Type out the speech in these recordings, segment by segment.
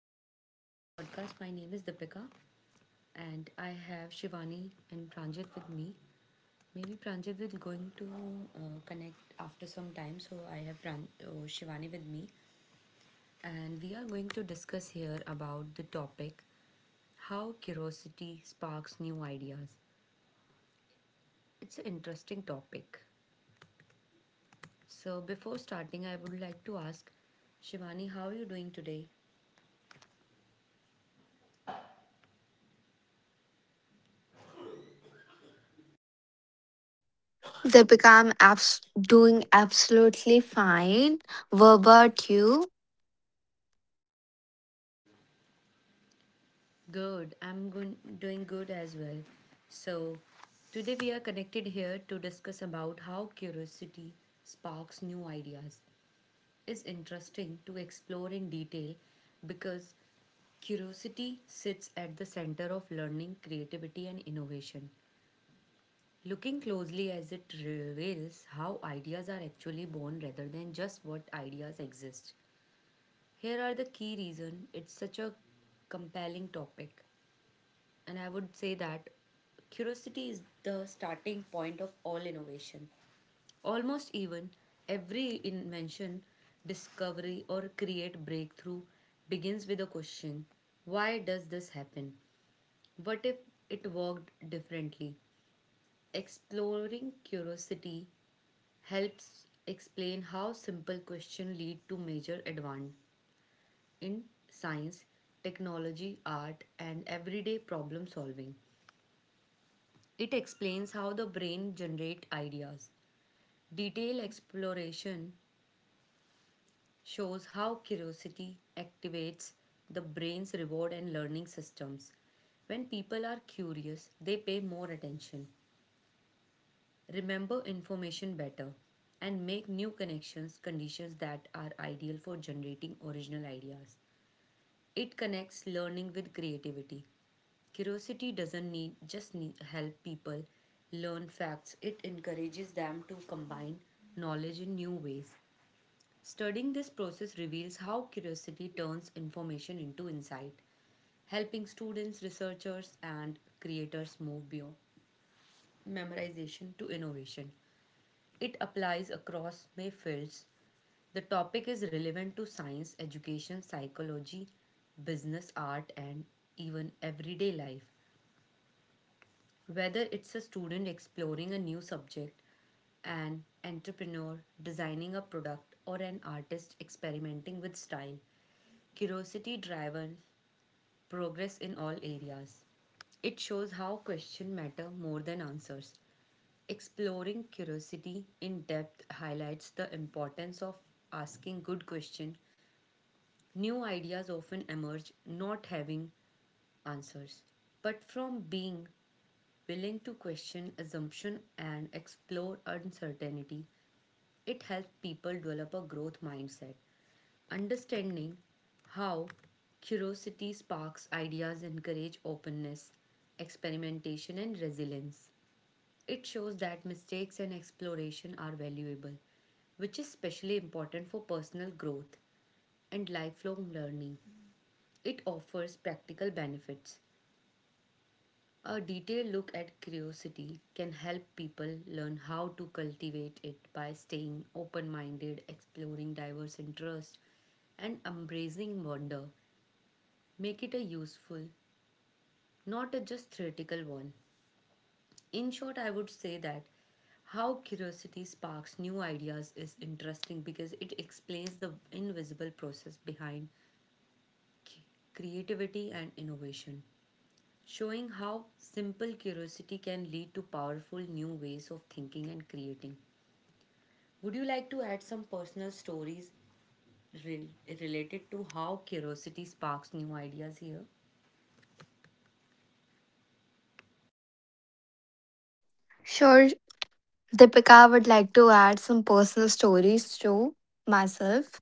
you for joining this podcast. My name is Deepika and I have Shivani and Pranjit with me. Maybe Pranjit will going to connect after some time, so I have Shivani with me and we are going to discuss here about the topic how curiosity sparks new ideas. It's an interesting topic. So before starting, I would like to ask Shivani, how are you doing today? They become doing absolutely fine. What about you? Good. I'm good, doing good as well. So, today we are connected here to discuss about how curiosity sparks new ideas. It's interesting to explore in detail because curiosity sits at the center of learning, creativity, and innovation. Looking closely as it reveals how ideas are actually born rather than just what ideas exist. Here are the key reasons it's such a compelling topic. And I would say that curiosity is the starting point of all innovation. Almost even every invention, discovery, or create breakthrough begins with a question. Why does this happen? What if it worked differently? Exploring curiosity helps explain how simple questions lead to major advance in science, technology, art, and everyday problem solving. It explains how the brain generates ideas. Detailed exploration shows how curiosity activates the brain's reward and learning systems. When people are curious, they pay more attention, remember information better, and make new connections, conditions that are ideal for generating original ideas. It connects learning with creativity. Curiosity doesn't need just need, help people learn facts. It encourages them to combine knowledge in new ways. Studying this process reveals how curiosity turns information into insight, helping students, researchers, and creators move beyond memorization to innovation. It applies across many fields. The topic is relevant to science, education, psychology, business, art, and even everyday life. Whether it's a student exploring a new subject, an entrepreneur designing a product, or an artist experimenting with style, curiosity drives progress in all areas. It shows how questions matter more than answers. Exploring curiosity in depth highlights the importance of asking good questions. New ideas often emerge not having answers, but from being willing to question assumption and explore uncertainty. It helps people develop a growth mindset. Understanding how curiosity sparks ideas encourage openness, experimentation and resilience. It shows that mistakes and exploration are valuable, which is especially important for personal growth and lifelong learning. It offers practical benefits. A detailed look at curiosity can help people learn how to cultivate it by staying open minded, exploring diverse interests, and embracing wonder. Make it a useful, not a just theoretical one. In short, I would say that how curiosity sparks new ideas is interesting because it explains the invisible process behind c- creativity and innovation, showing how simple curiosity can lead to powerful new ways of thinking and creating. Would you like to add some personal stories rel- related to how curiosity sparks new ideas here? Sure, Deepika, I would like to add some personal stories to myself.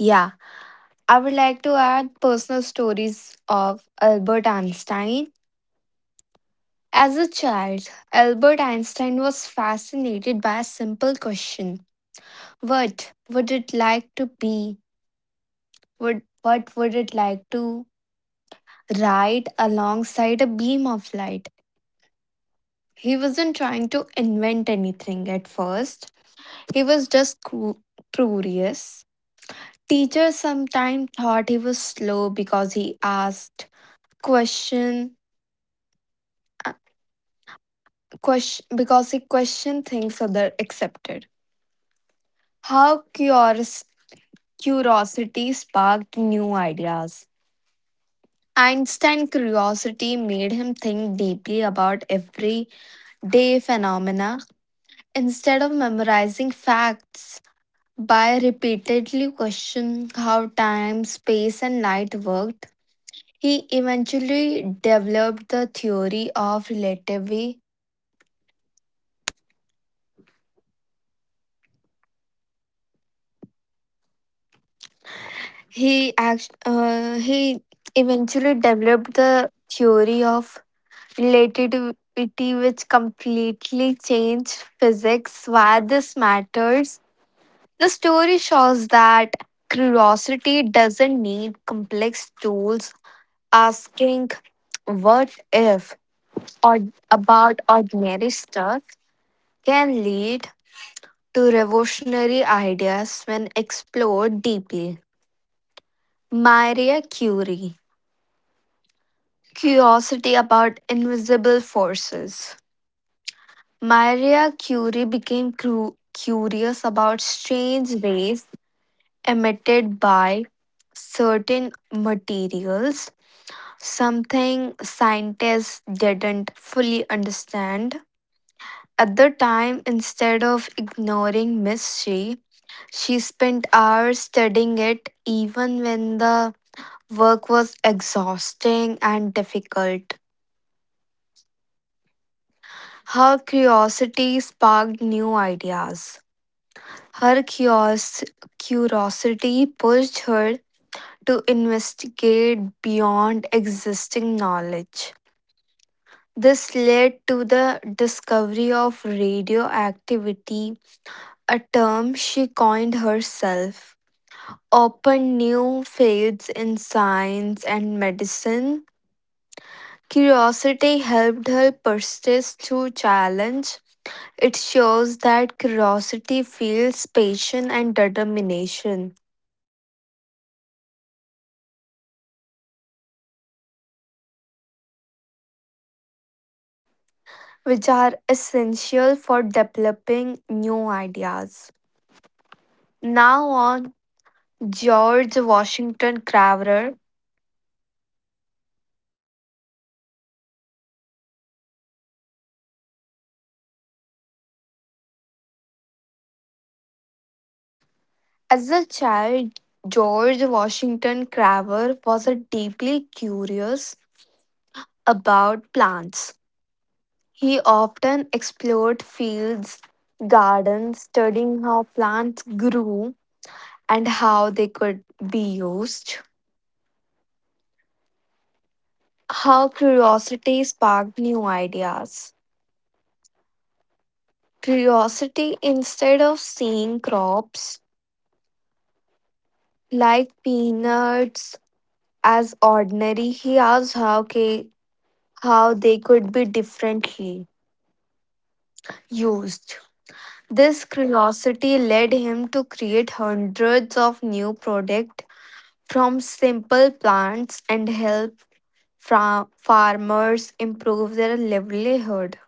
Yeah, I would like to add personal stories of Albert Einstein. As a child, Albert Einstein was fascinated by a simple question: What would it like to be? What would it like to ride alongside a beam of light? He wasn't trying to invent anything at first. He was just curious. Teachers sometimes thought he was slow because he asked question, uh, question because he questioned things other accepted. How curious curiosity sparked new ideas. Einstein's curiosity made him think deeply about everyday phenomena instead of memorizing facts. By repeatedly questioning how time, space, and light worked, he eventually developed the theory of relativity. He eventually developed the theory of relativity, which completely changed physics. Why this matters? The story shows that curiosity doesn't need complex tools. Asking what if or about ordinary stuff can lead to revolutionary ideas when explored deeply. Maria Curie. Curiosity about invisible forces. Maria Curie became curious about strange rays emitted by certain materials, something scientists didn't fully understand. At the time, instead of ignoring mystery, she spent hours studying it even when the work was exhausting and difficult. Her curiosity sparked new ideas. Her curiosity pushed her to investigate beyond existing knowledge. This led to the discovery of radioactivity, a term she coined herself. Open new fields in science and medicine. Curiosity helped her persist through challenge. It shows that curiosity fuels passion and determination, which are essential for developing new ideas. Now on George Washington Carver. As a child, George Washington Carver was a deeply curious about plants. He often explored fields, gardens, studying how plants grew and how they could be used. Her curiosity sparked new ideas. Curiosity, instead of seeing crops like peanuts as ordinary, he asked how they could be differently used. This curiosity led him to create hundreds of new products from simple plants and help farmers improve their livelihood.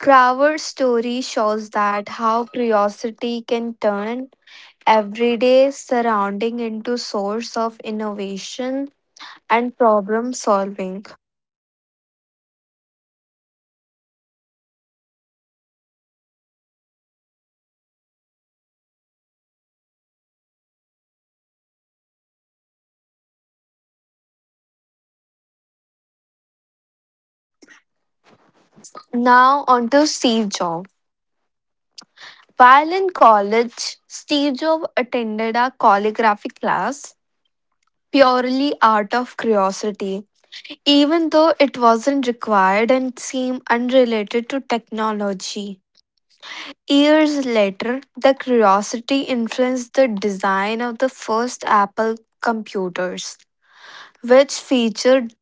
Crower's story shows that how curiosity can turn everyday surrounding into source of innovation and problem solving. Now on to Steve Jobs. While in college, Steve Jobs attended a calligraphy class purely out of curiosity, even though it wasn't required and seemed unrelated to technology. Years later, the curiosity influenced the design of the first Apple computers, which featured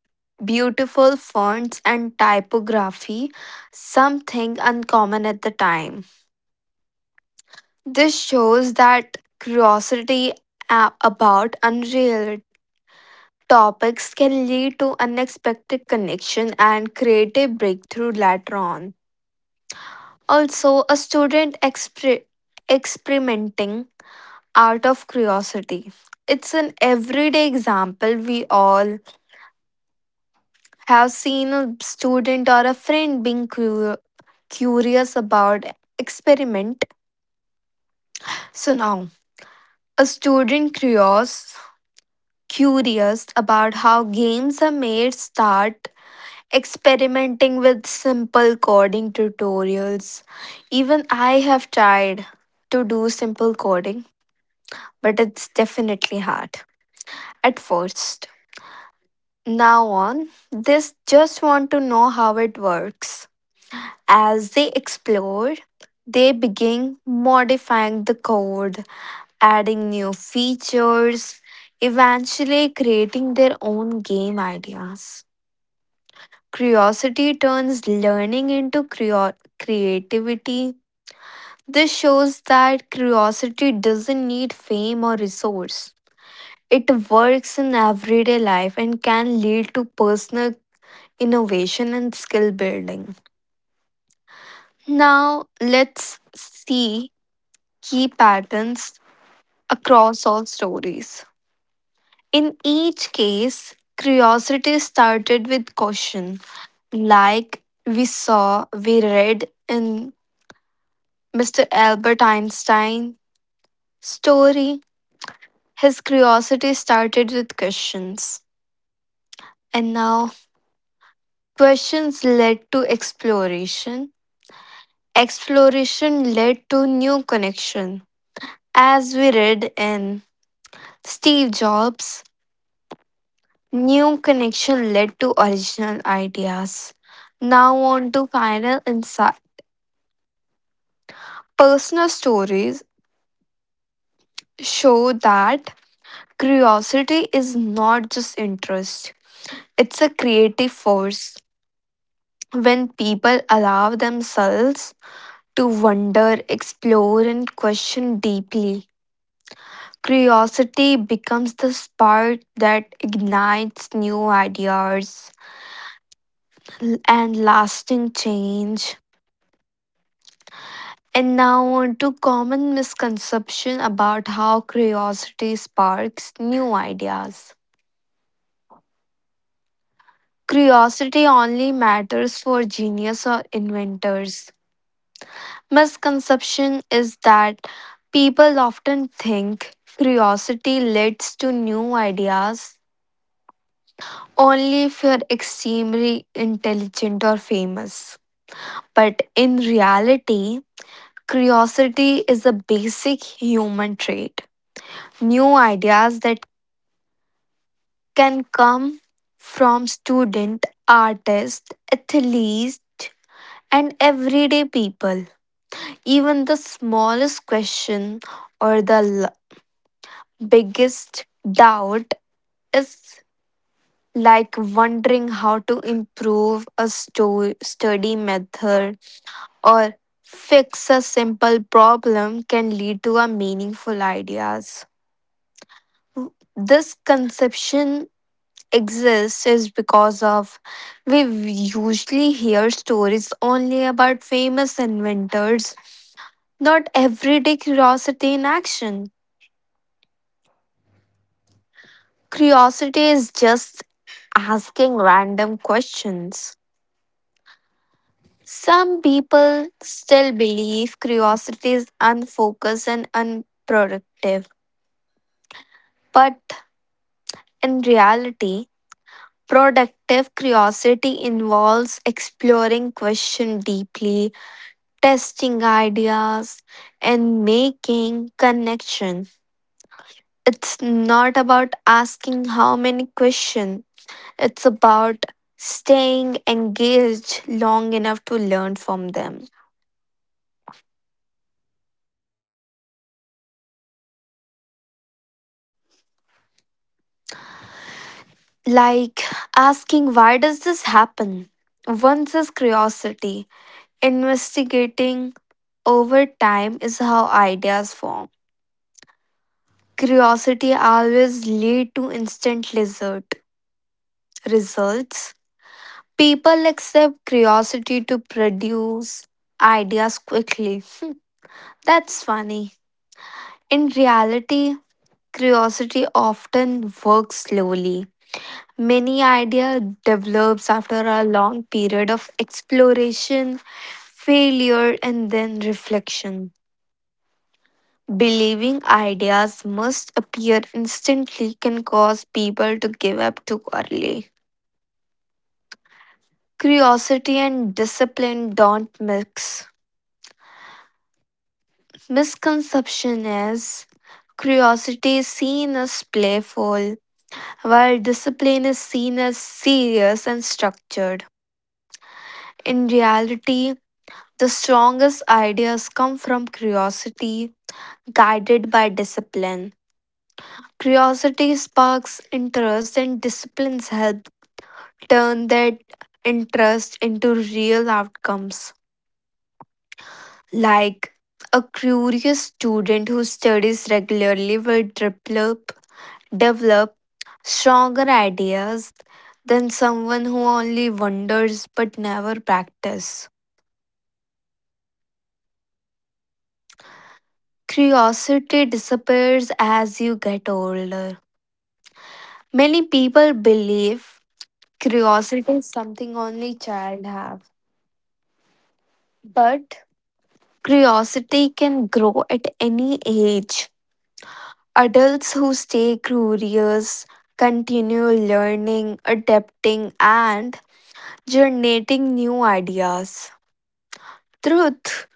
beautiful fonts and typography, something uncommon at the time. This shows that curiosity about unreal topics can lead to unexpected connection and creative breakthrough later on. Also, a student experimenting out of curiosity. It's an everyday example. We all have seen a student or a friend being curious about experiment. So now, a student curious about how games are made start experimenting with simple coding tutorials. Even I have tried to do simple coding but it's definitely hard at first. Now on, they just want to know how it works. As they explore, they begin modifying the code, adding new features, eventually creating their own game ideas. Curiosity turns learning into creativity. This shows that curiosity doesn't need fame or resource. It works in everyday life and can lead to personal innovation and skill building. Now, let's see key patterns across all stories. In each case, curiosity started with caution, like we read in Mr. Albert Einstein story. His curiosity started with questions, and now questions led to exploration. Exploration led to new connection. As we read in Steve Jobs, new connection led to original ideas. Now on to final insight. Personal stories show that curiosity is not just interest. It's a creative force. When people allow themselves to wonder, explore and question deeply, curiosity becomes the spark that ignites new ideas and lasting change. And now on to common misconception about how curiosity sparks new ideas. Curiosity only matters for genius or inventors. Misconception is that people often think curiosity leads to new ideas only if you're extremely intelligent or famous. But in reality, curiosity is a basic human trait. New ideas that can come from student, artist, athletes, and everyday people. Even the smallest question or the biggest doubt is like wondering how to improve a study method or fix a simple problem can lead to a meaningful ideas. This conception exists is because of we usually hear stories only about famous inventors, not everyday curiosity in action. Curiosity is just asking random questions. Some people still believe curiosity is unfocused and unproductive, but in reality, productive curiosity involves exploring questions deeply, testing ideas, and making connections. It's not about asking how many questions, it's about staying engaged long enough to learn from them. Like asking, why does this happen? Once is curiosity. Investigating over time is how ideas form. Curiosity always lead to instant lizard results. People accept curiosity to produce ideas quickly. Hmm, that's funny. In reality, curiosity often works slowly. Many idea develops after a long period of exploration, failure and then reflection. Believing ideas must appear instantly can cause people to give up too early. Curiosity and discipline don't mix. Misconception is curiosity is seen as playful, while discipline is seen as serious and structured. In reality, the strongest ideas come from curiosity, guided by discipline. Curiosity sparks interest, and disciplines help turn that interest into real outcomes. Like a curious student who studies regularly will develop stronger ideas than someone who only wonders but never practices. Curiosity disappears as you get older. Many people believe curiosity is something only child have, but curiosity can grow at any age. Adults who stay curious continue learning, adapting, and generating new ideas. Truth.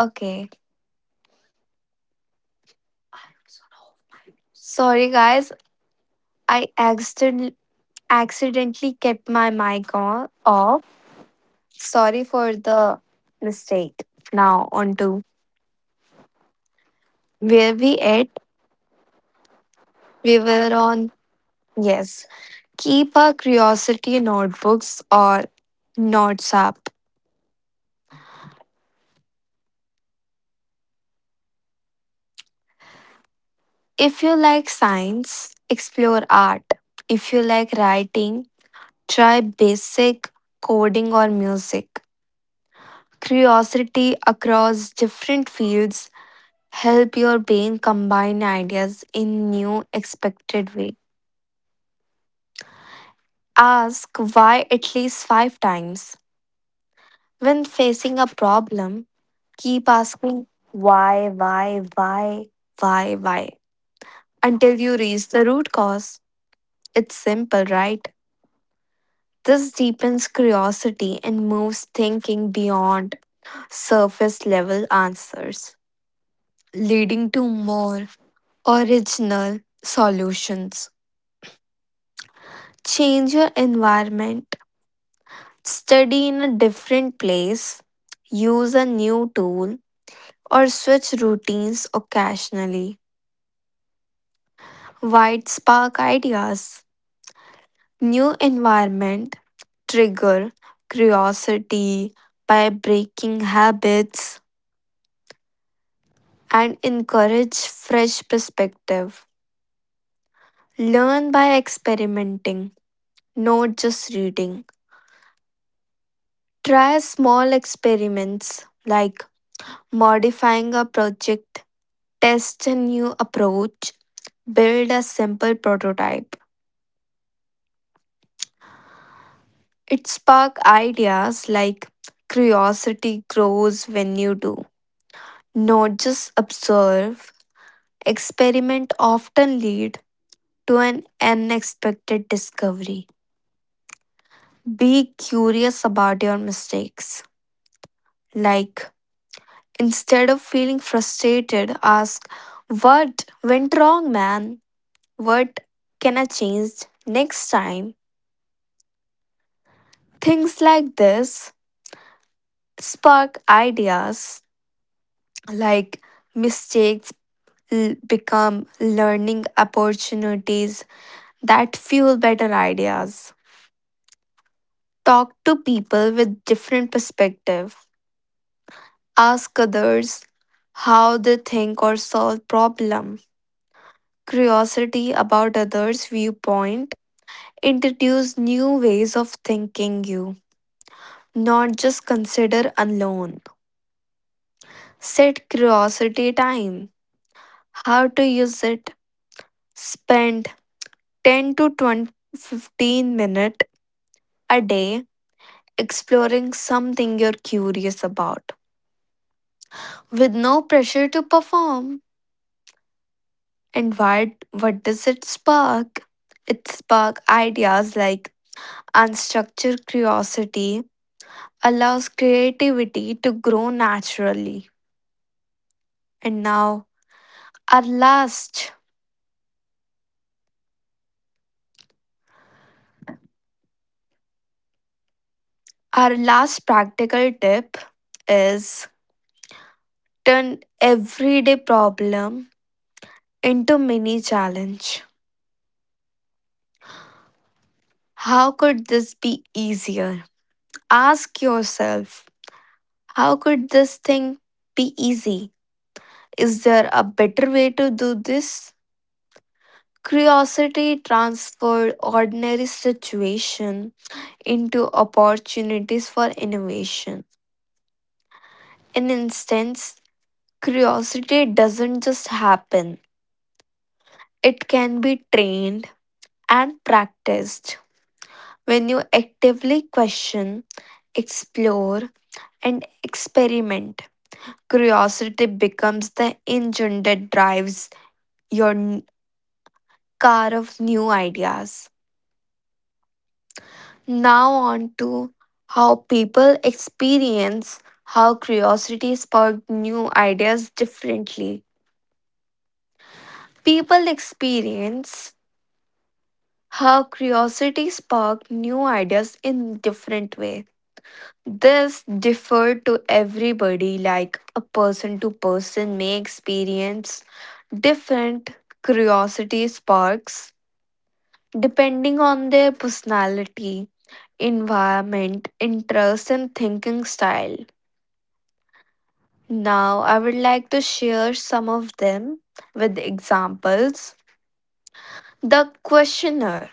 Okay. Sorry, guys. I accidentally kept my mic on off. Sorry for the mistake. Now, on to where we at. We were on, yes. Keep our curiosity notebooks or notes up. If you like science, explore art. If you like writing, try basic coding or music. Curiosity across different fields help your brain combine ideas in new expected way. Ask why at least 5 times. When facing a problem, keep asking why, why, why, why until you reach the root cause. It's simple, right? This deepens curiosity and moves thinking beyond surface level answers, leading to more original solutions. Change your environment, study in a different place, use a new tool, or switch routines occasionally. White spark ideas. New environment trigger curiosity by breaking habits and encourage fresh perspective. Learn by experimenting, not just reading. Try small experiments like modifying a project, test a new approach, build a simple prototype. It spark ideas like curiosity grows when you do. Not just observe, experiment often lead to an unexpected discovery. Be curious about your mistakes. Like, instead of feeling frustrated, ask, what went wrong, man? What can I change next time? Things like this spark ideas like mistakes become learning opportunities that fuel better ideas. Talk to people with different perspective. Ask others how they think or solve problem curiosity about others' viewpoint, introduce new ways of thinking you, not just consider alone. Set curiosity time. How to use it? Spend 10 to 20, 15 minutes a day exploring something you're curious about with no pressure to perform. And why, what does it spark? It spark ideas like unstructured curiosity allows creativity to grow naturally. And now our last our last practical tip is turn everyday problem into mini challenge. How could this be easier? Ask yourself, how could this thing be easy? Is there a better way to do this? Curiosity transferred ordinary situation into opportunities for innovation. In instance, curiosity doesn't just happen, it can be trained and practiced. When you actively question, explore, and experiment, curiosity becomes the engine that drives your car of new ideas. Now, on to how people experience how curiosity sparked new ideas differently. People experience her curiosity sparked new ideas in different way. This differed to everybody like a person to person may experience different curiosity sparks depending on their personality, environment, interest and thinking style. Now I would like to share some of them with examples. The questioner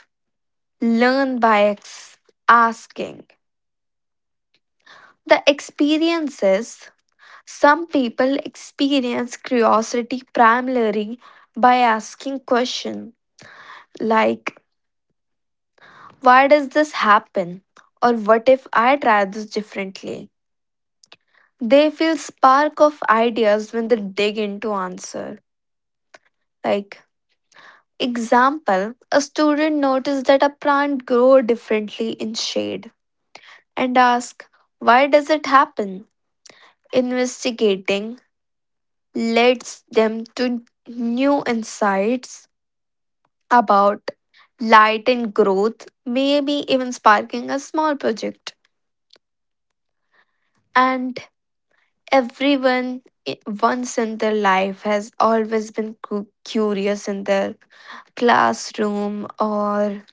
learn by asking. The experiences some people experience curiosity primarily by asking questions like why does this happen or what if I try this differently. They feel spark of ideas when they dig into answer. Like example, a student noticed that a plant grow differently in shade and ask why does it happen? Investigating leads them to new insights about light and growth, maybe even sparking a small project. And everyone i- once in their life has always been curious in their classroom or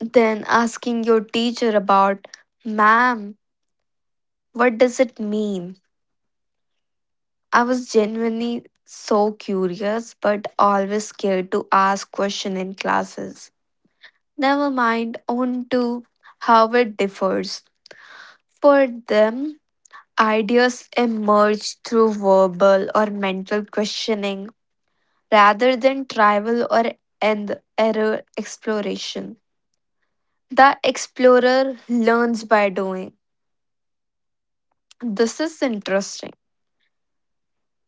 then asking your teacher about, ma'am, what does it mean? I was genuinely so curious but always scared to ask question in classes. Never mind on to how it differs. For them, ideas emerge through verbal or mental questioning rather than trial or and error exploration. The explorer learns by doing. This is interesting.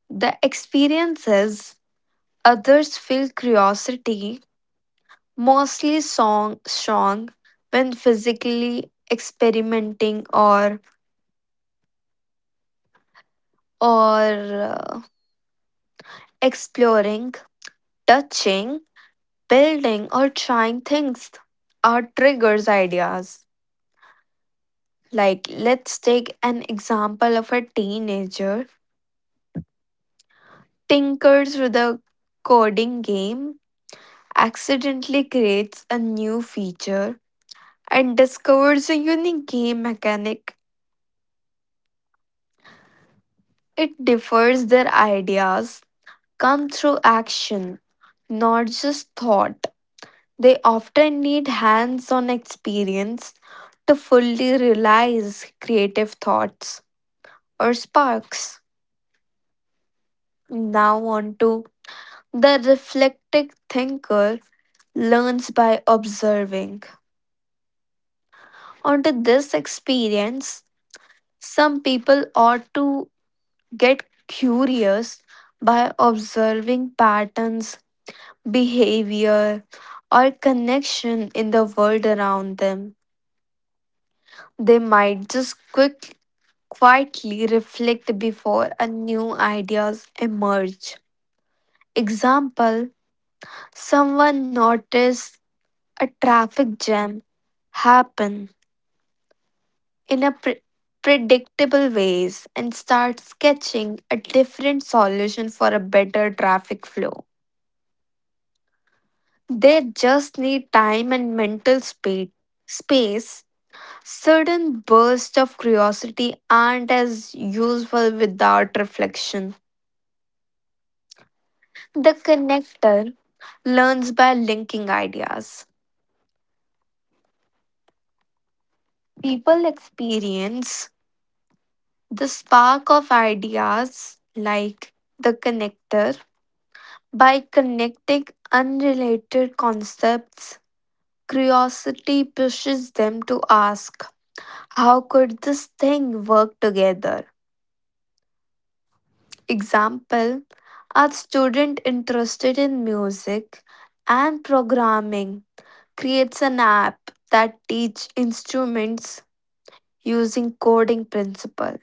The experiences others feel curiosity, mostly song strong when physically experimenting or exploring, touching, building, or trying things are triggers ideas. Like, let's take an example of a teenager tinkers with a coding game, accidentally creates a new feature, and discovers a unique game mechanic. It differs their ideas come through action, not just thought. They often need hands on experience to fully realize creative thoughts or sparks. Now, on to the reflective thinker learns by observing. Onto this experience, some people ought to get curious by observing patterns, behavior, or connection in the world around them. They might just quietly reflect before a new ideas emerge. Example: someone noticed a traffic jam happen in a predictable ways and start sketching a different solution for a better traffic flow. They just need time and mental space. Sudden bursts of curiosity aren't as useful without reflection. The connector learns by linking ideas. People experience the spark of ideas like the connector. By connecting unrelated concepts, curiosity pushes them to ask, how could this thing work together? Example: a student interested in music and programming creates an app that teach instruments using coding principle.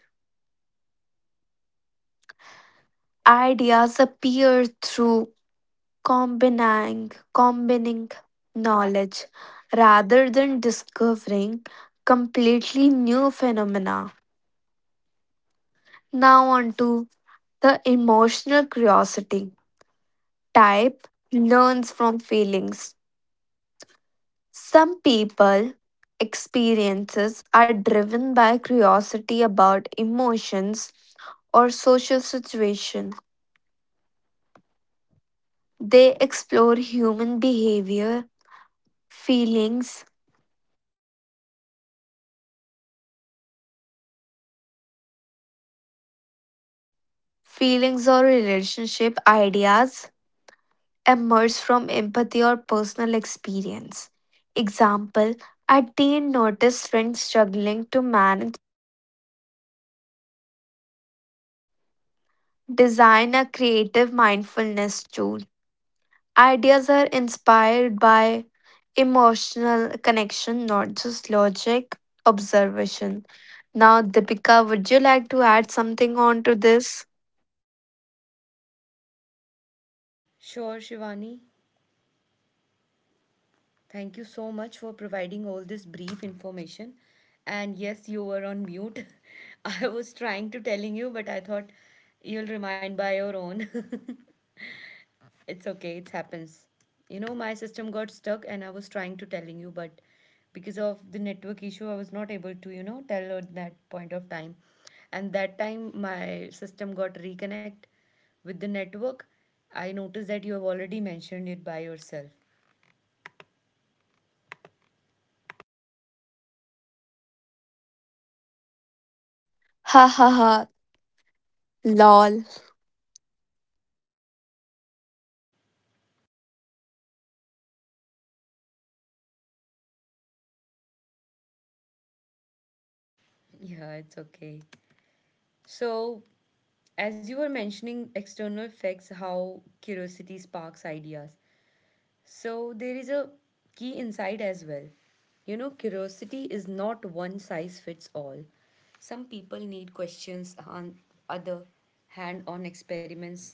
Ideas appear through combining knowledge rather than discovering completely new phenomena. Now on to the emotional curiosity type learns from feelings. Some people experiences are driven by curiosity about emotions or social situation. They explore human behavior, feelings, or relationship ideas emerge from empathy or personal experience. Example, a teen noticed friends struggling to manage design a creative mindfulness tool. Ideas are inspired by emotional connection, not just logic, observation. Now, Deepika, would you like to add something on to this? Sure, Shivani. Thank you so much for providing all this brief information. And yes, you were on mute. I was trying to telling you, but I thought you'll remind by your own. It's okay, it happens. You know, my system got stuck and I was trying to telling you, but because of the network issue, I was not able to, you know, tell at that point of time. And that time my system got reconnect with the network. I noticed that you have already mentioned it by yourself. Ha ha ha, lol. Yeah, it's okay. So, as you were mentioning external effects, how curiosity sparks ideas, so there is a key insight as well. You know, curiosity is not one size fits all. Some people need questions on other hand-on experiments,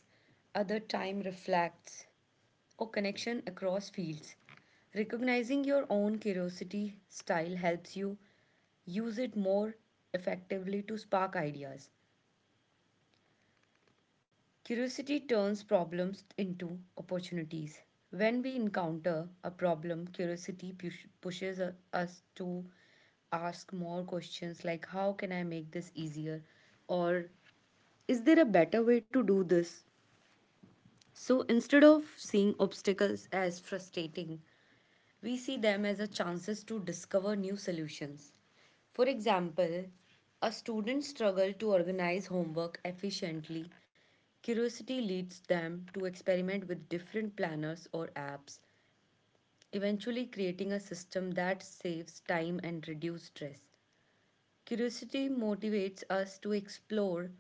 other time reflects or connection across fields. Recognizing your own curiosity style helps you use it more effectively to spark ideas. Curiosity turns problems into opportunities. When we encounter a problem, curiosity pushes us to ask more questions like how can I make this easier or is there a better way to do this? So instead of seeing obstacles as frustrating, we see them as a chances to discover new solutions. For example, a student struggles to organize homework efficiently. Curiosity leads them to experiment with different planners or apps, eventually creating a system that saves time and reduces stress. Curiosity motivates us to explore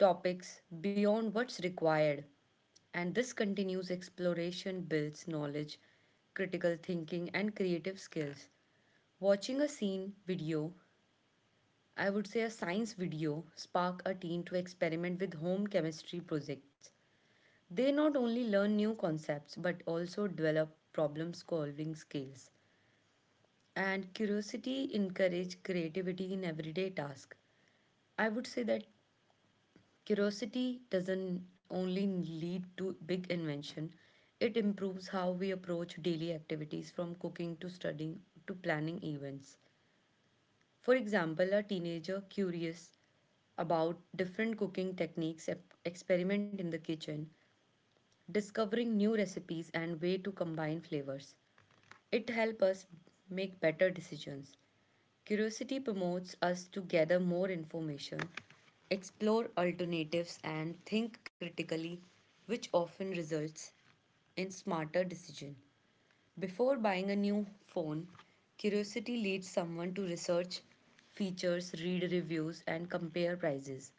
topics beyond what's required, and this continuous exploration builds knowledge, critical thinking, and creative skills. Watching a scene video, I would say a science video, spark a teen to experiment with home chemistry projects. They not only learn new concepts but also develop problem solving skills. And curiosity encourages creativity in everyday tasks. I would say that curiosity doesn't only lead to big invention, it improves how we approach daily activities from cooking to studying to planning events. For example, a teenager curious about different cooking techniques experiment in the kitchen, discovering new recipes and way to combine flavors. It helps us make better decisions. Curiosity promotes us to gather more information, explore alternatives and think critically, which often results in smarter decision. Before buying a new phone, curiosity leads someone to research features, read reviews, and compare prices.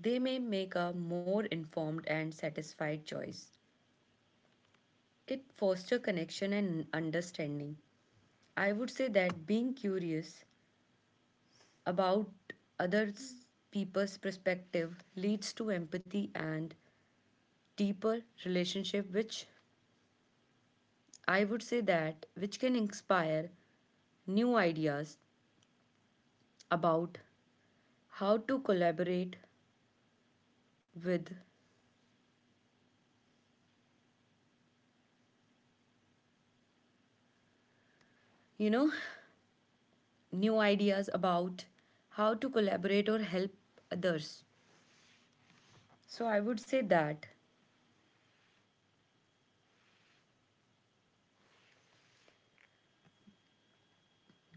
They may make a more informed and satisfied choice. It fosters connection and understanding. I would say that being curious about other people's perspective leads to empathy and deeper relationship, which I would say that which can inspire new ideas about how to collaborate with, you know, new ideas about how to collaborate or help others. So I would say that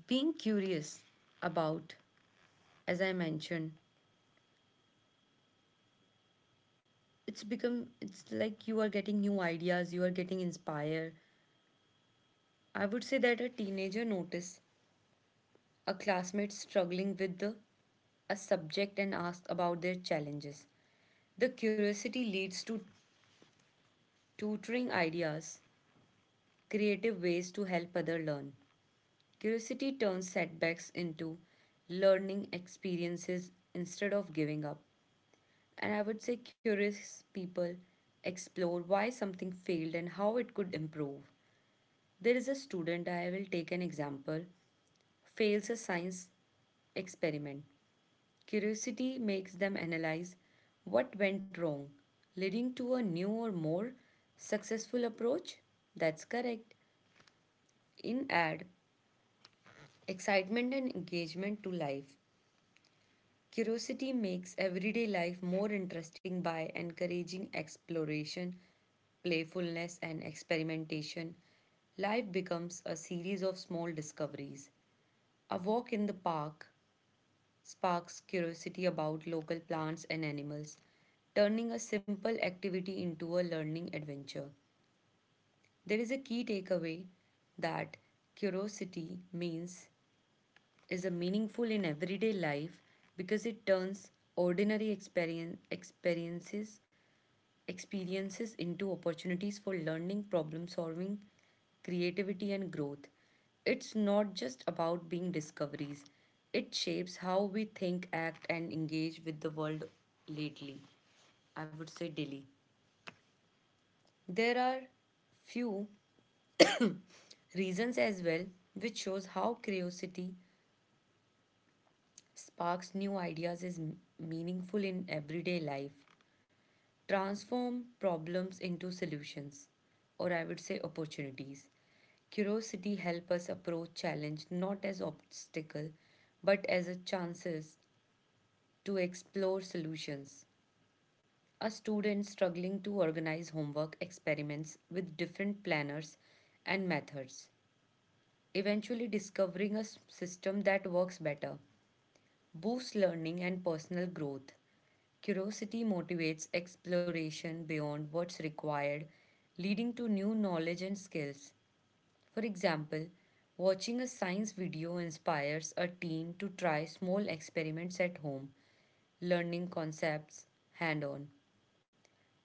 being curious about, as I mentioned, it's become, it's like you are getting new ideas, you are getting inspired. I would say that a teenager noticed a classmate struggling with the, a subject and asked about their challenges. The curiosity leads to tutoring ideas, creative ways to help other learn. Curiosity turns setbacks into learning experiences instead of giving up. And I would say curious people explore why something failed and how it could improve. There is a student, I will take an example, fails a science experiment. Curiosity makes them analyze what went wrong, leading to a new or more successful approach. That's correct. In add excitement and engagement to life. Curiosity makes everyday life more interesting by encouraging exploration, playfulness, and experimentation. Life becomes a series of small discoveries. A walk in the park sparks curiosity about local plants and animals, turning a simple activity into a learning adventure. There is a key takeaway that curiosity means is a meaningful in everyday life because it turns ordinary experience, experiences experiences into opportunities for learning, problem solving, creativity and growth. It's not just about being discoveries. It shapes how we think, act and engage with the world lately. I would say daily. There are few reasons as well which shows how curiosity sparks new ideas is meaningful in everyday life. Transform problems into solutions, or I would say opportunities. Curiosity help us approach challenge not as obstacle but as a chances to explore solutions. A student struggling to organize homework experiments with different planners and methods, eventually discovering a system that works better boosts learning and personal growth. Curiosity motivates exploration beyond what's required, leading to new knowledge and skills. For example, watching a science video inspires a teen to try small experiments at home, learning concepts hand on,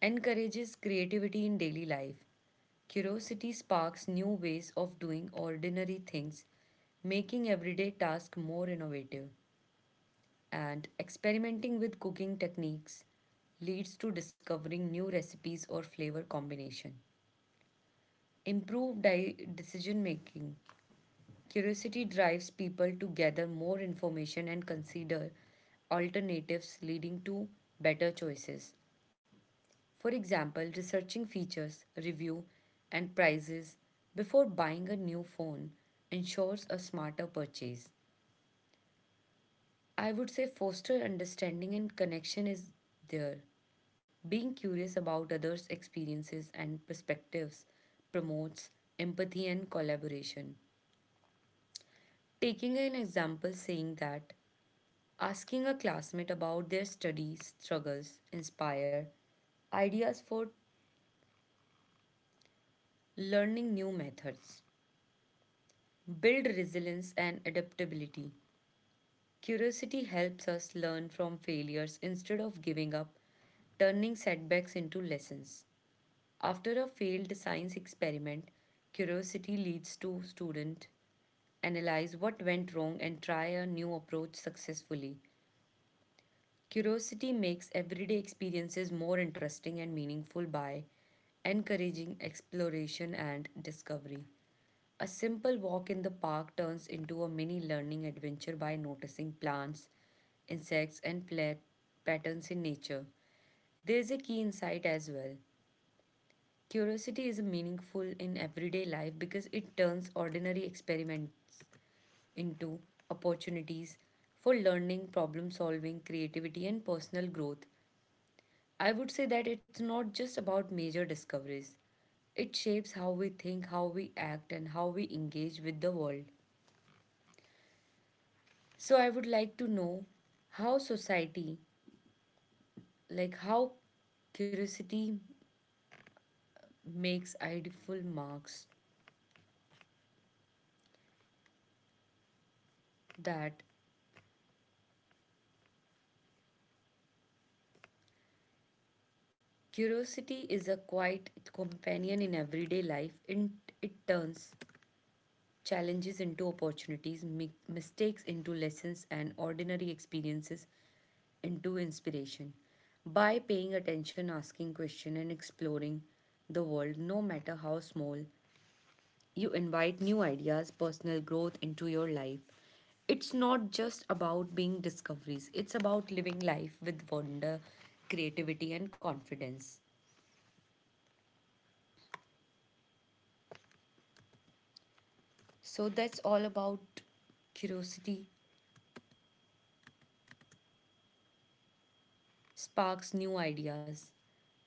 encourages creativity in daily life. Curiosity sparks new ways of doing ordinary things, making everyday tasks more innovative and experimenting with cooking techniques leads to discovering new recipes or flavor combination. Improved decision making. Curiosity drives people to gather more information and consider alternatives, leading to better choices. For example, researching features, review and prices before buying a new phone ensures a smarter purchase. I would say foster understanding and connection is there. Being curious about others' experiences and perspectives promotes empathy and collaboration. Taking an example, saying that asking a classmate about their study struggles inspire ideas for learning new methods, build resilience and adaptability. Curiosity helps us learn from failures instead of giving up, turning setbacks into lessons. After a failed science experiment, curiosity leads to student analyze what went wrong and try a new approach successfully. Curiosity makes everyday experiences more interesting and meaningful by encouraging exploration and discovery. A simple walk in the park turns into a mini learning adventure by noticing plants, insects, and patterns in nature. There is a key insight as well. Curiosity is meaningful in everyday life because it turns ordinary experiments into opportunities for learning, problem solving, creativity, and personal growth. I would say that it's not just about major discoveries, it shapes how we think, how we act, and how we engage with the world. So, I would like to know how society, like how curiosity, makes ideal marks that curiosity is a quiet companion in everyday life. In, it turns challenges into opportunities, mistakes into lessons, and ordinary experiences into inspiration. By paying attention, asking questions, and exploring the world, no matter how small, you invite new ideas, personal growth into your life. It's not just about being discoveries, it's about living life with wonder, creativity, and confidence. So that's all about curiosity sparks new ideas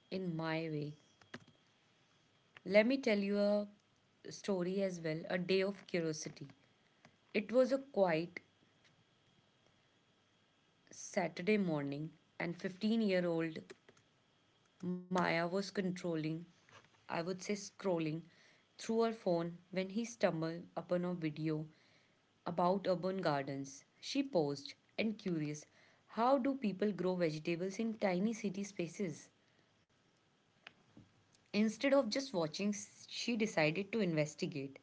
in my way. Let me tell you a story as well, a day of curiosity. It was a quiet Saturday morning, and 15-year-old Maya was controlling, I would say scrolling, through her phone when he stumbled upon a video about urban gardens. She paused and curious, how do people grow vegetables in tiny city spaces? Instead of just watching, she decided to investigate.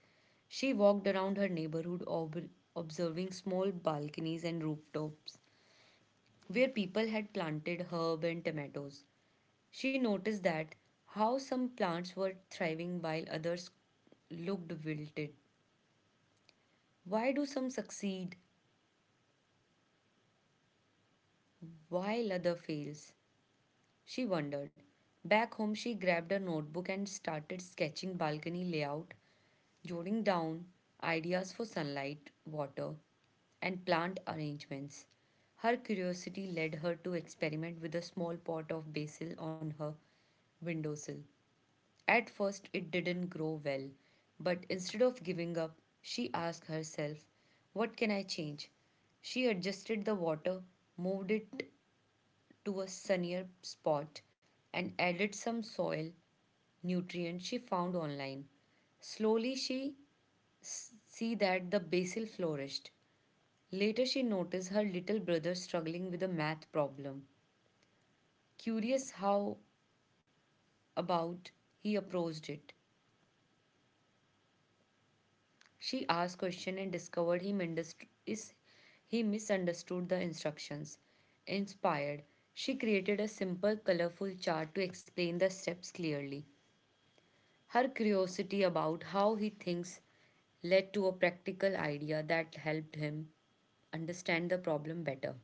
She walked around her neighborhood, observing small balconies and rooftops where people had planted herb and tomatoes. She noticed that how some plants were thriving while others looked wilted. Why do some succeed while other fails? She wondered. Back home, she grabbed her notebook and started sketching balcony layout, jotting down ideas for sunlight, water, and plant arrangements. Her curiosity led her to experiment with a small pot of basil on her windowsill. At first, it didn't grow well, but instead of giving up, she asked herself, what can I change? She adjusted the water, moved it to a sunnier spot and added some soil nutrients she found online. Slowly she see that the basil flourished. Later she noticed her little brother struggling with a math problem. Curious how about he approached it. She asked question and discovered he mindest- is he misunderstood the instructions. Inspired, she created a simple colorful chart to explain the steps clearly. Her curiosity about how he thinks led to a practical idea that helped him understand the problem better.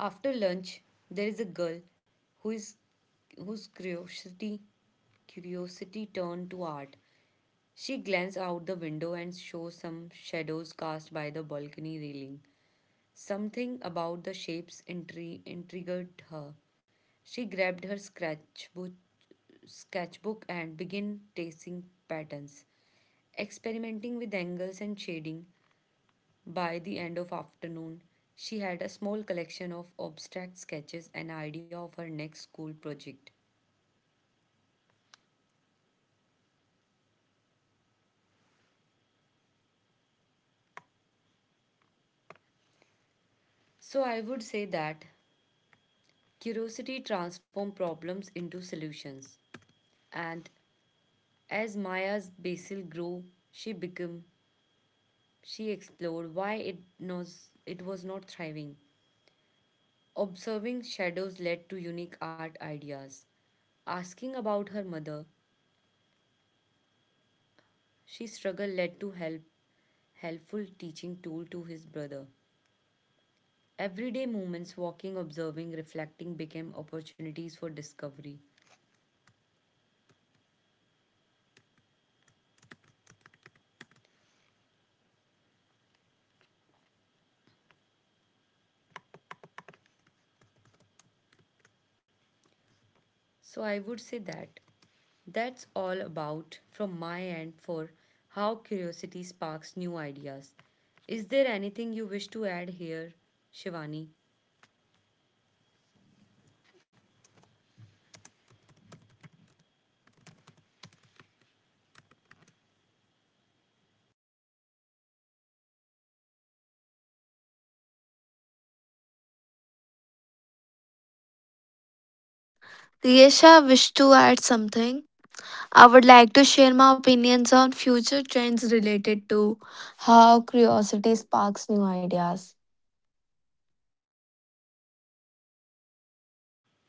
After lunch, there is a girl who is whose curiosity turned to art. She glances out the window and shows some shadows cast by the balcony railing. Something about the shapes intrigued her. She grabbed her sketchbook and began tracing patterns, experimenting with angles and shading. By the end of afternoon, she had a small collection of abstract sketches and idea of her next school project. So I would say that curiosity transforms problems into solutions. And as Maya's basil grew, she became she explored why it, knows it was not thriving. Observing shadows led to unique art ideas. Asking about her mother, she struggle led to helpful teaching tool to his brother. Everyday moments, walking, observing, reflecting became opportunities for discovery. So I would say that that's all about from my end for how curiosity sparks new ideas. Is there anything you wish to add here, Shivani? Riyesha, wish to add something? I would like to share my opinions on future trends related to how curiosity sparks new ideas.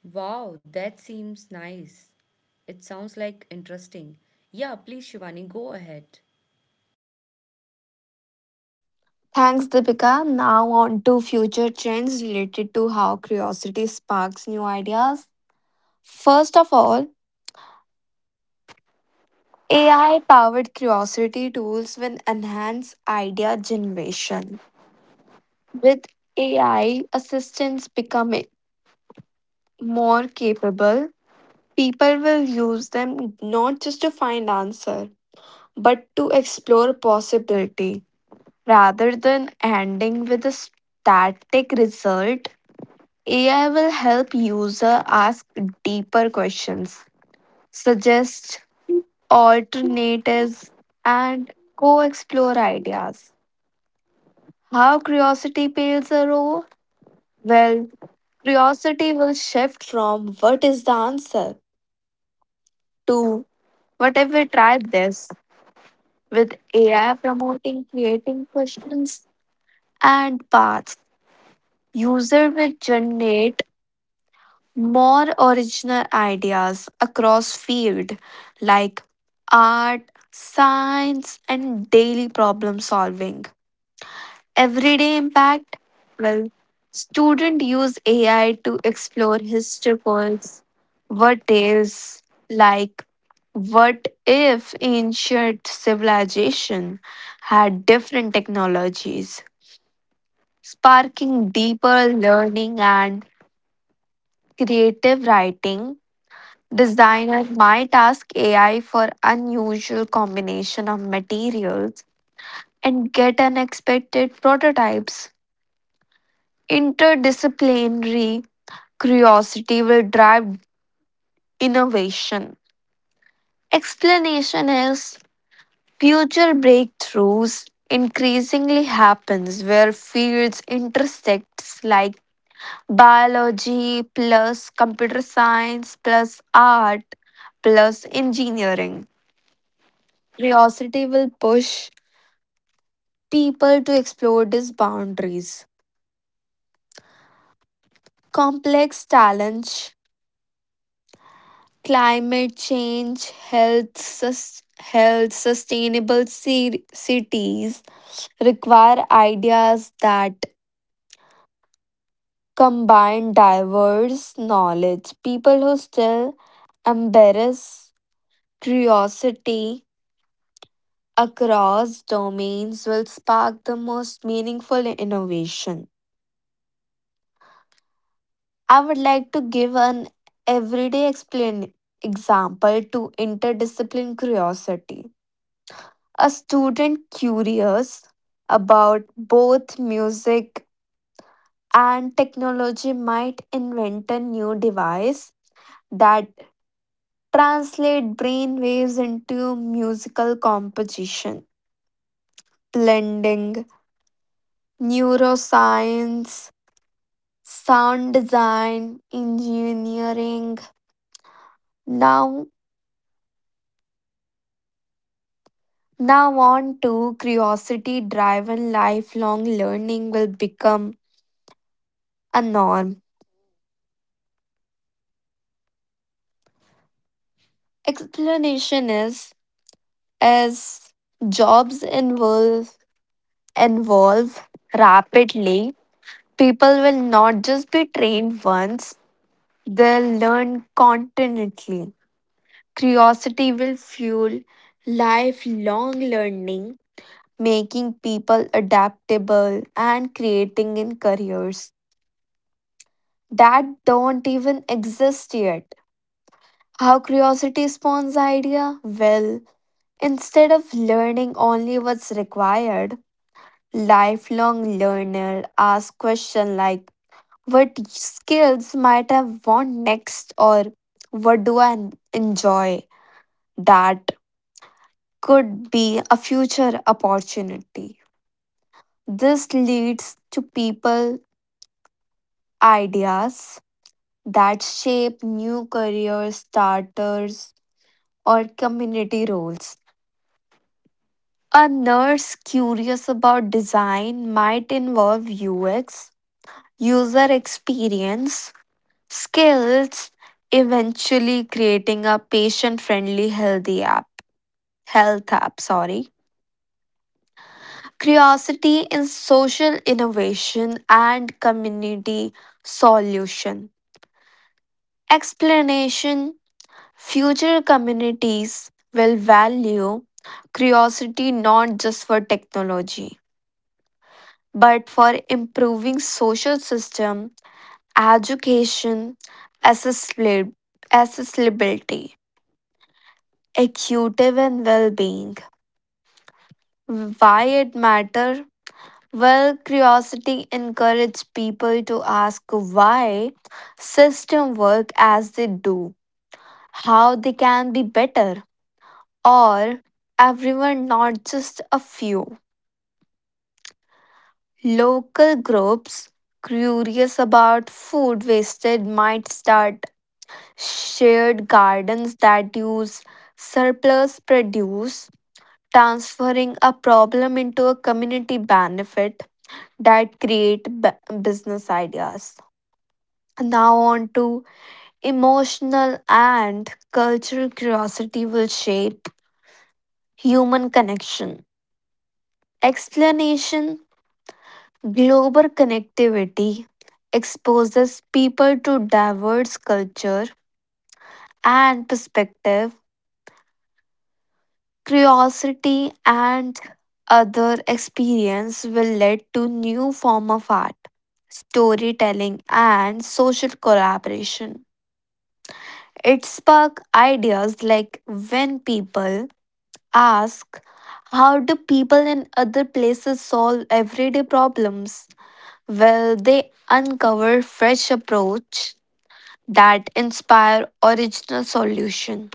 Wow, that seems nice. It sounds like interesting. Yeah, please, Shivani, go ahead. Thanks, Deepika. Now, on to future trends related to how curiosity sparks new ideas. First of all, AI powered curiosity tools will enhance idea generation. With AI assistants becoming more capable, people will use them not just to find answers but to explore possibility. Rather than ending with a static result, AI will help user ask deeper questions, suggest alternatives, and co-explore ideas. How curiosity plays a role? Well, curiosity will shift from what is the answer to what if we try this, with AI promoting creating questions and paths. User will generate more original ideas across field like art, science and daily problem solving. Everyday impact, well, student use AI to explore historicals, what is like what if ancient civilization had different technologies, sparking deeper learning and creative writing. Designer might ask AI for unusual combination of materials and get unexpected prototypes. Interdisciplinary curiosity will drive innovation. Explanation is future breakthroughs increasingly happens where fields intersects like biology plus computer science plus art plus engineering. Curiosity will push people to explore these boundaries. Complex challenge, climate change, health, health sustainable cities require ideas that combine diverse knowledge. People who still embrace curiosity across domains will spark the most meaningful innovation. I would like to give an everyday explain example to interdiscipline curiosity. A student curious about both music and technology might invent a new device that translate brain waves into musical composition, blending neuroscience sound design, engineering. Now, now on to curiosity driven lifelong learning will become a norm. Explanation is, as jobs involve rapidly, people will not just be trained once, they'll learn continually. Curiosity will fuel lifelong learning, making people adaptable and creating in careers that don't even exist yet. How curiosity spawns idea? Well, instead of learning only what's required, lifelong learner ask question like what skills might have want next, or what do I enjoy that could be a future opportunity. This leads to people ideas that shape new career starters or community roles. A nurse curious about design might involve UX, user experience, skills, eventually creating a patient-friendly health app, sorry. Curiosity in social innovation and community solution. Explanation: future communities will value curiosity not just for technology, but for improving social system, education, accessibili- accessibility, equity and well-being. Why it matter? Well, curiosity encourages people to ask why system work as they do, how they can be better, or everyone, not just a few. Local groups curious about food wasted might start shared gardens that use surplus produce, transferring a problem into a community benefit that business ideas. Now on to emotional and cultural curiosity will shape human connection. Explanation: global connectivity exposes people to diverse culture and perspective. Curiosity and other experience will lead to new form of art, storytelling and social collaboration. It spark ideas like when people ask, how do people in other places solve everyday problems? Well, they uncover fresh approach that inspire original solution.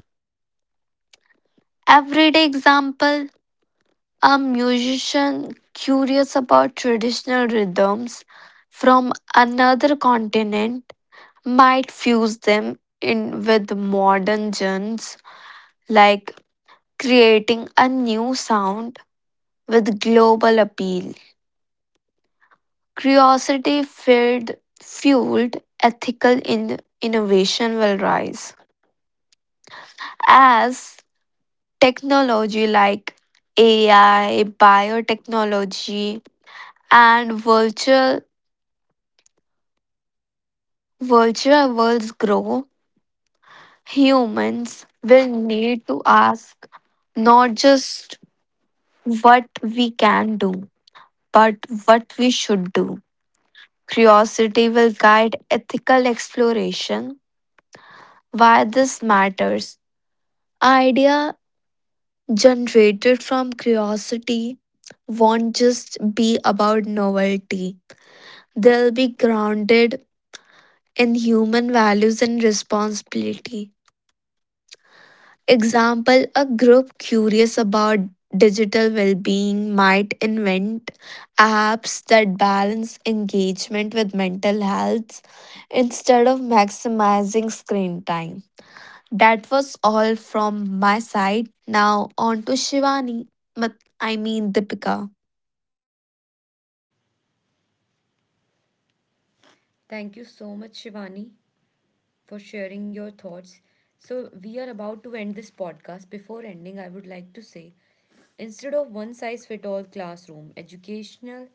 Everyday example, a musician curious about traditional rhythms from another continent might fuse them in with modern genres like creating a new sound with global appeal. Curiosity filled fueled ethical innovation will rise as technology like AI, biotechnology, and virtual worlds grow, humans will need to ask not just what we can do, but what we should do. Curiosity will guide ethical exploration. Why this matters. Idea generated from curiosity won't just be about novelty. They'll be grounded in human values and responsibility. Example: a group curious about digital well being might invent apps that balance engagement with mental health instead of maximizing screen time. That was all from my side. Now, on to Shivani. I mean, Deepika. Thank you so much, Shivani, for sharing your thoughts. So, we are about to end this podcast. Before ending, I would like to say instead of one size fit all classroom, educational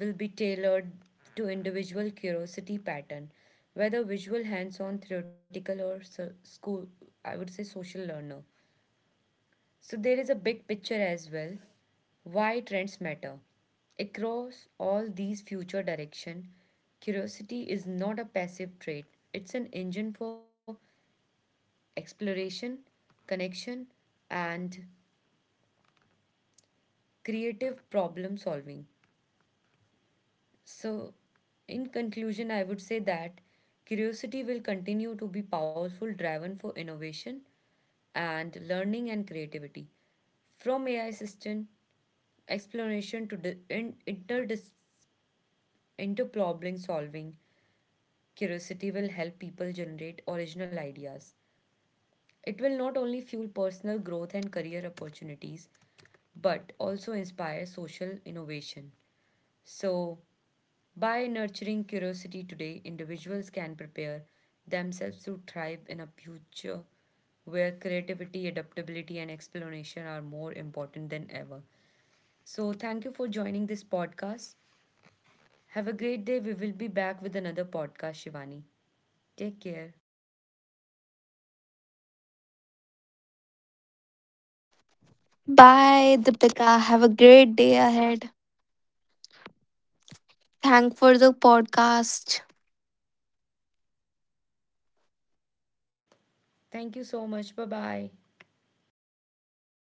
will be tailored to individual curiosity pattern, whether visual, hands on, theoretical, or school, I would say social learner. So there is a big picture as well. Why trends matter. Across all these future direction, curiosity is not a passive trait. It's an engine for exploration, connection and creative problem solving. So in conclusion, I would say that curiosity will continue to be powerful driven for innovation and learning and creativity, from AI assistant Explanation to into problem solving, curiosity will help people generate original ideas. It will not only fuel personal growth and career opportunities, but also inspire social innovation. So by nurturing curiosity today, individuals can prepare themselves to thrive in a future where creativity, adaptability and explanation are more important than ever. So thank you for joining this podcast. Have a great day. We will be back with another podcast, Shivani. Take care. Bye, Deepika. Have a great day ahead. Thank for the podcast. Thank you so much. Bye bye.